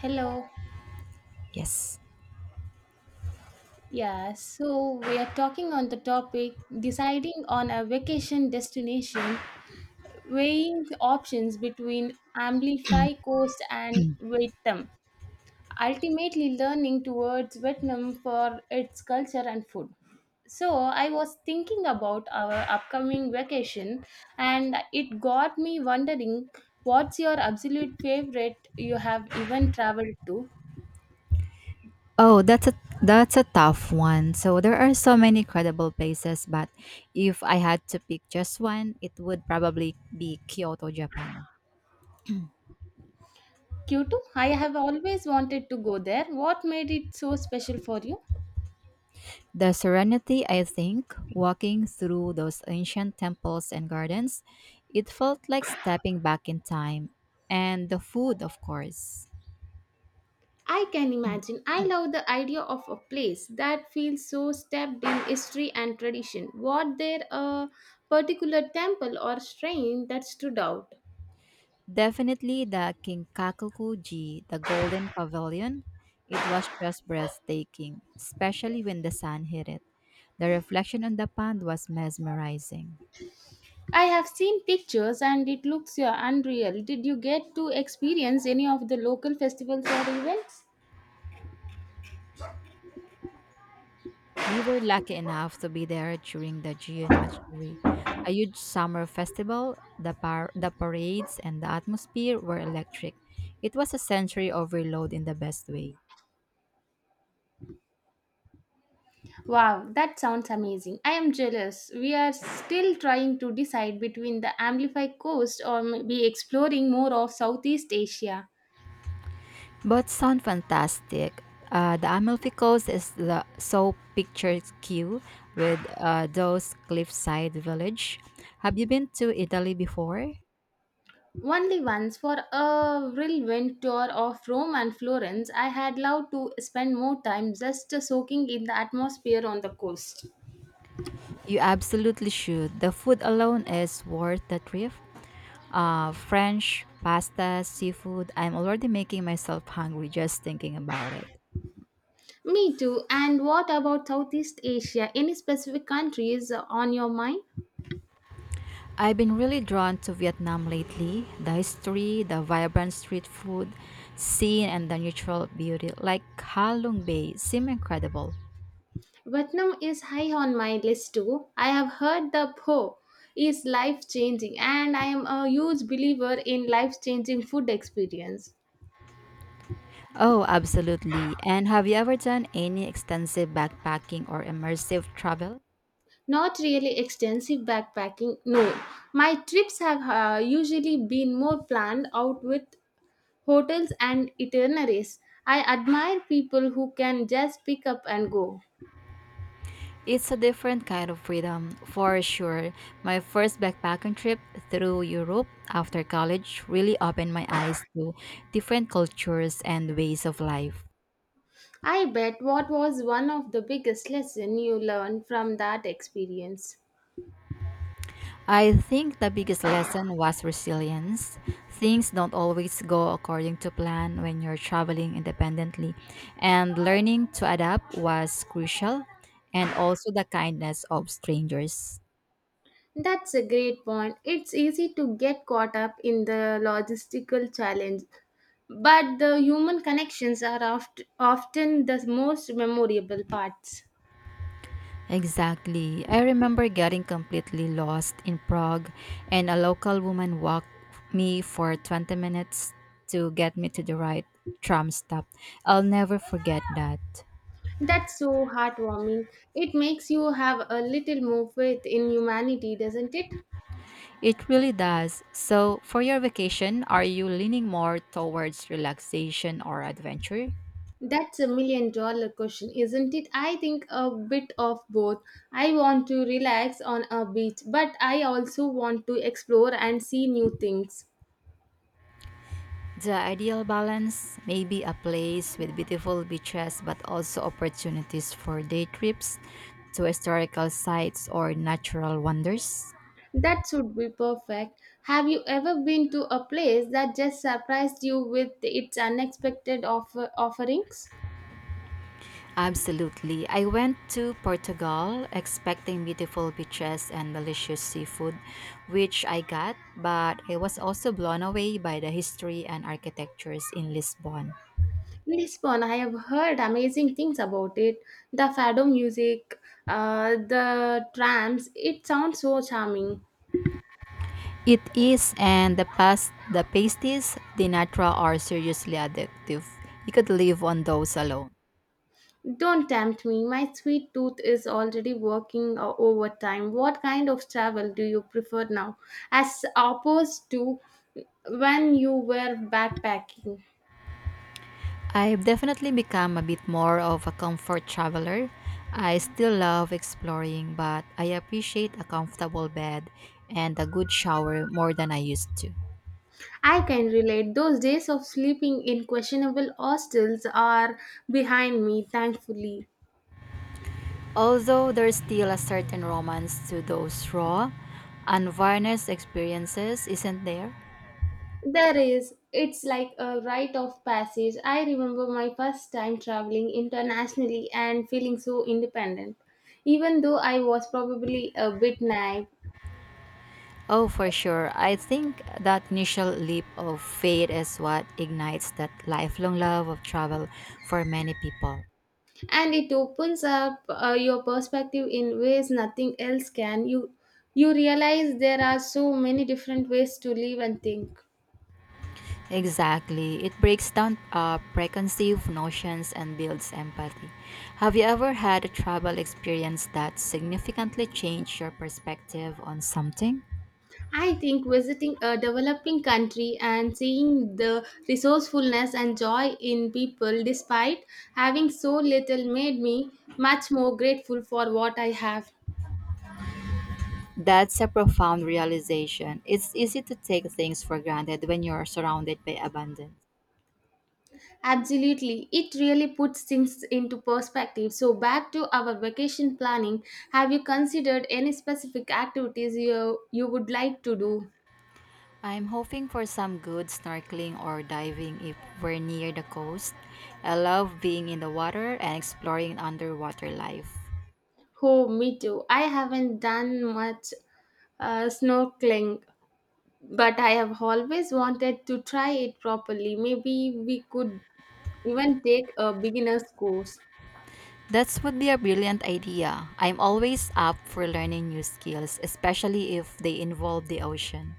Hello. Yes. Yeah, so we are talking on the topic deciding on a vacation destination, weighing the options between Amplify Coast and Vietnam, ultimately learning towards Vietnam for its culture and food. So I was thinking about our upcoming vacation and it got me wondering what's your absolute favorite you have even traveled to? Oh, that's a tough one. So there are so many credible places, but if I had to pick just one, it would probably be Kyoto, Japan. Kyoto, I have always wanted to go there. What made it so special for you? The serenity, I think, walking through those ancient temples and gardens, it felt like stepping back in time. And the food, of course. I can imagine. I love the idea of a place that feels so steeped in history and tradition. Was there a particular temple or shrine that stood out? Definitely the Kinkakukuji, the Golden Pavilion. It was just breathtaking, especially when the sun hit it. The reflection on the pond was mesmerizing. I have seen pictures and it looks, yeah, unreal. Did you get to experience any of the local festivals or events? We were lucky enough to be there during the June Matsuri, a huge summer festival. The parades and the atmosphere were electric. It was a sensory overload in the best way. Wow, that sounds amazing. I am jealous. We are still trying to decide between the Amplify coast or maybe exploring more of Southeast Asia. But sound fantastic. The Amalfi is the so picturesque with those cliffside village. Have you been to Italy before? Only once for a whirlwind tour of Rome and Florence, I had loved to spend more time just soaking in the atmosphere on the coast. You absolutely should. The food alone is worth the trip. French, pasta, seafood. I'm already making myself hungry just thinking about it. Me too. And what about Southeast Asia? Any specific countries on your mind? I've been really drawn to Vietnam lately. The history, the vibrant street food scene, and the natural beauty, like Ha Lung Bay, seem incredible. Vietnam is high on my list too. I have heard the Po is life changing, and I am a huge believer in life changing food experience. Oh, absolutely. And have you ever done any extensive backpacking or immersive travel? Not really extensive backpacking, no. My trips have usually been more planned out with hotels and itineraries. I admire people who can just pick up and go. It's a different kind of freedom, for sure. My first backpacking trip through Europe after college really opened my eyes to different cultures and ways of life. I bet what was one of the biggest lessons you learned from that experience? I think the biggest lesson was resilience. Things don't always go according to plan when you're traveling independently, and learning to adapt was crucial, and also the kindness of strangers. That's a great point. It's easy to get caught up in the logistical challenge, but the human connections are often the most memorable parts. Exactly. I remember getting completely lost in Prague, and a local woman walked me for 20 minutes to get me to the right tram stop. I'll never forget that. That's so heartwarming. It makes you have a little more faith in humanity, doesn't it? It really does. So, for your vacation, are you leaning more towards relaxation or adventure? That's a million dollar question, isn't it? I think a bit of both. I want to relax on a beach, but I also want to explore and see new things. The ideal balance may be a place with beautiful beaches but also opportunities for day trips to historical sites or natural wonders. That should be perfect. Have you ever been to a place that just surprised you with its unexpected offerings? Absolutely. I went to Portugal expecting beautiful beaches and delicious seafood, which I got, but I was also blown away by the history and architectures in Lisbon. Lisbon, I have heard amazing things about it. The fado music, the trams, it sounds so charming. It is, and the past, the pasties, the natural are seriously addictive. You could live on those alone. Don't tempt me, my sweet tooth is already working overtime. What kind of travel do you prefer now, as opposed to when you were backpacking? I've definitely become a bit more of a comfort traveler. I still love exploring, but I appreciate a comfortable bed and a good shower more than I used to. I can relate. Those days of sleeping in questionable hostels are behind me, thankfully. Although there's still a certain romance to those raw, unvarnished experiences, isn't there? There is, it's like a rite of passage. I remember my first time traveling internationally and feeling so independent, even though I was probably a bit naive. Oh, for sure. I think that initial leap of faith is what ignites that lifelong love of travel for many people. And it opens up your perspective in ways nothing else can. You realize there are so many different ways to live and think. Exactly. It breaks down preconceived notions and builds empathy. Have you ever had a travel experience that significantly changed your perspective on something? I think visiting a developing country and seeing the resourcefulness and joy in people despite having so little made me much more grateful for what I have. That's a profound realization. It's easy to take things for granted when you're surrounded by abundance. Absolutely, it really puts things into perspective. So, back to our vacation planning, have you considered any specific activities you would like to do? I'm hoping for some good snorkeling or diving if we're near the coast. I love being in the water and exploring underwater life. Oh, me too. I haven't done much snorkeling, but I have always wanted to try it properly. Maybe we could even take a beginner's course. That would be a brilliant idea. I'm always up for learning new skills, especially if they involve the ocean.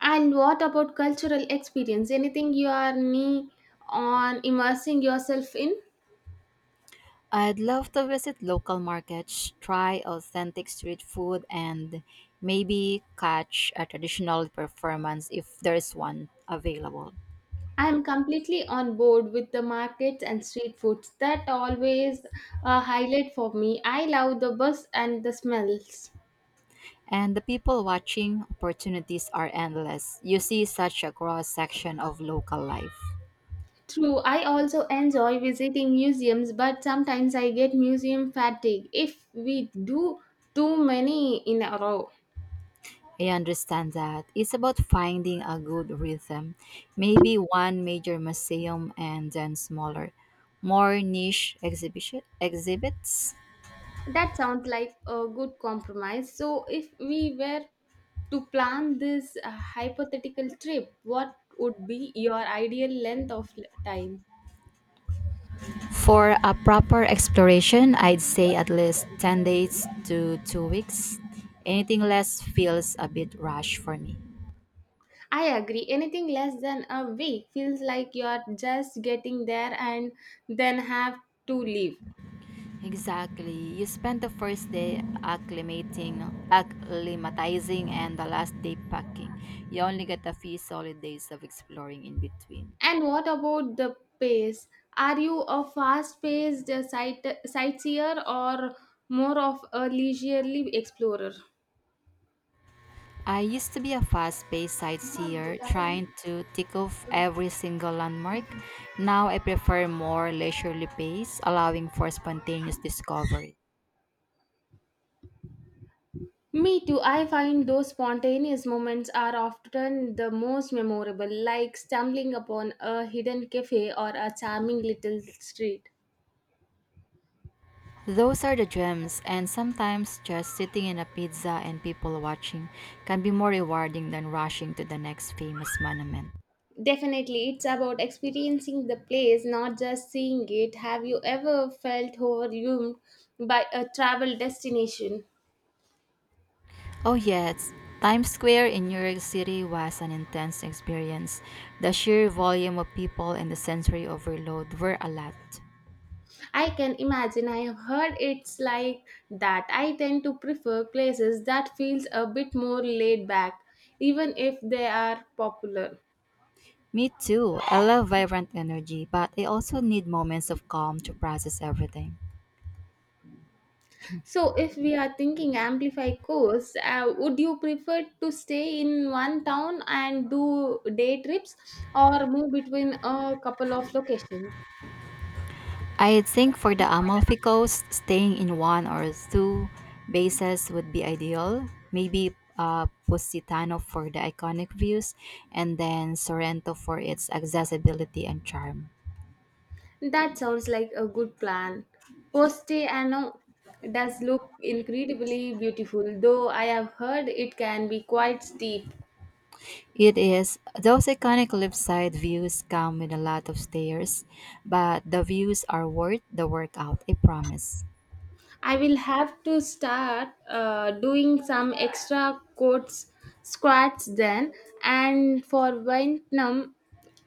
And what about cultural experience? Anything you are knee on immersing yourself in? I'd love to visit local markets, try authentic street food, and maybe catch a traditional performance if there's one available. I am completely on board with the markets and street foods. That always a highlight for me. I love the bus and the smells. And the people watching opportunities are endless. You see such a cross section of local life. True, I also enjoy visiting museums, but sometimes I get museum fatigue if we do too many in a row. I understand that. It's about finding a good rhythm. Maybe one major museum and then smaller, more niche exhibition exhibits. That sounds like a good compromise. So, if we were to plan this hypothetical trip, what would be your ideal length of time? For a proper exploration, I'd say at least 10 days to 2 weeks. Anything less feels a bit rush for me. I agree. Anything less than a week feels like you're just getting there and then have to leave. Exactly. You spend the first day acclimating, acclimatizing, and the last day packing. You only get a few solid days of exploring in between. And what about the pace? Are you a fast-paced sightseer or more of a leisurely explorer? I used to be a fast paced sightseer trying to tick off every single landmark. Now I prefer more leisurely pace, allowing for spontaneous discovery. Me too. I find those spontaneous moments are often the most memorable, like stumbling upon a hidden cafe or a charming little street. Those are the gems, and sometimes just sitting in a pizza and people watching can be more rewarding than rushing to the next famous monument. Definitely, it's about experiencing the place, not just seeing it. Have you ever felt overwhelmed by a travel destination? Oh, yes, Times Square in New York City was an intense experience. The sheer volume of people and the sensory overload were a lot. I can imagine. I have heard it's like that. I tend to prefer places that feels a bit more laid back, even if they are popular. Me too. I love vibrant energy, but I also need moments of calm to process everything. So, if we are thinking amplify course, would you prefer to stay in one town and do day trips, or move between a couple of locations? I think for the Amalfi Coast, staying in one or two bases would be ideal. Maybe Positano for the iconic views, and then Sorrento for its accessibility and charm. That sounds like a good plan. Poste Ano does look incredibly beautiful, though I have heard it can be quite steep. It is those iconic cliff side views come with a lot of stairs, but the views are worth the workout. I promise. I will have to start doing some extra quotes squats then. And for Vietnam,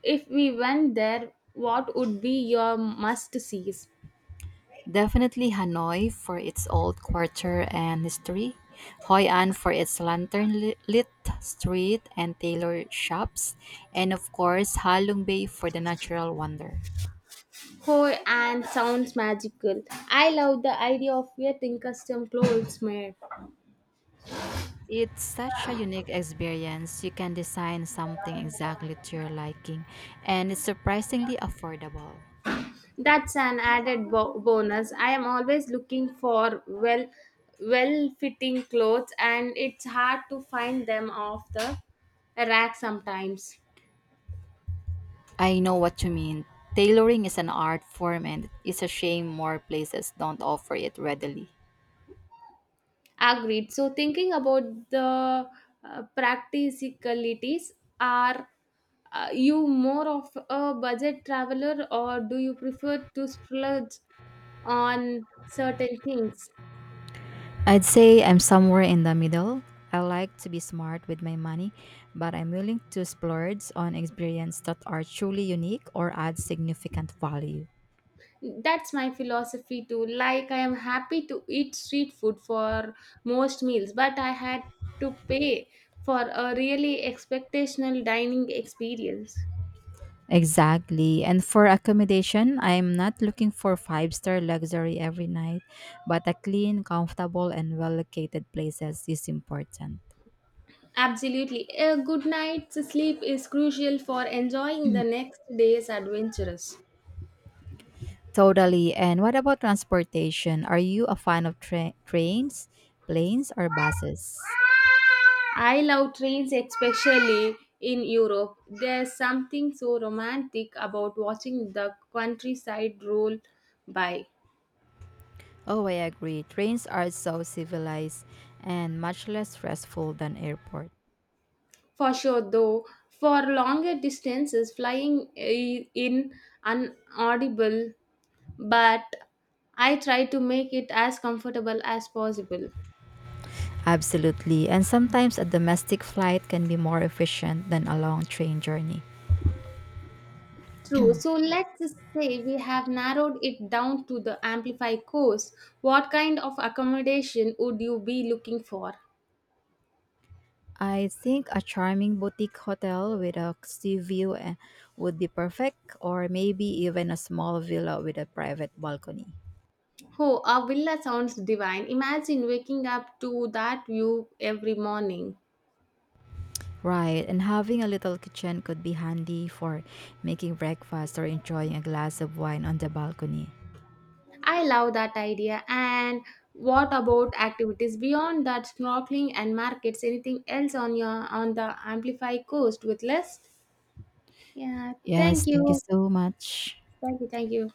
if we went there, what would be your must sees? Definitely Hanoi for its old quarter and history, Hoi An for its lantern lit street and tailor shops, and of course Halong Bay for the natural wonder. Oh, and sounds magical. I love the idea of getting custom clothes made. It's such a unique experience. You can design something exactly to your liking, and it's surprisingly affordable. That's an added bonus. I am always looking for well fitting clothes and it's hard to find them off the rack sometimes. I know what you mean. Tailoring is an art form, and it's a shame more places don't offer it readily. Agreed. So, thinking about the practicalities, are you more of a budget traveler or do you prefer to splurge on certain things? I'd say I'm somewhere in the middle. I like to be smart with my money, but I'm willing to splurge on experiences that are truly unique or add significant value. That's my philosophy too. Like, I am happy to eat street food for most meals, but I had to pay for a really expectational dining experience. Exactly. And for accommodation, I'm not looking for five-star luxury every night, but a clean, comfortable, and well located places is important. Absolutely. A good night's sleep is crucial for enjoying the next day's adventures. Totally. And what about transportation? Are you a fan of trains, planes, or buses? I love trains, especially in Europe. There's something so romantic about watching the countryside roll by. Oh, I agree. Trains are so civilized and much less stressful than airport. For sure, though, for longer distances, flying in unaudible, but I try to make it as comfortable as possible. Absolutely. And sometimes a domestic flight can be more efficient than a long train journey. True. So let's just say we have narrowed it down to the Amplify course. What kind of accommodation would you be looking for? I think a charming boutique hotel with a sea view would be perfect, or maybe even a small villa with a private balcony. Oh, a villa sounds divine. Imagine waking up to that view every morning. Right, and having a little kitchen could be handy for making breakfast or enjoying a glass of wine on the balcony. I love that idea. And what about activities beyond that snorkeling and markets? Anything else on your on the Amplify coast with list? Yeah, thank Yes, thank you you. so much. Thank you, thank you.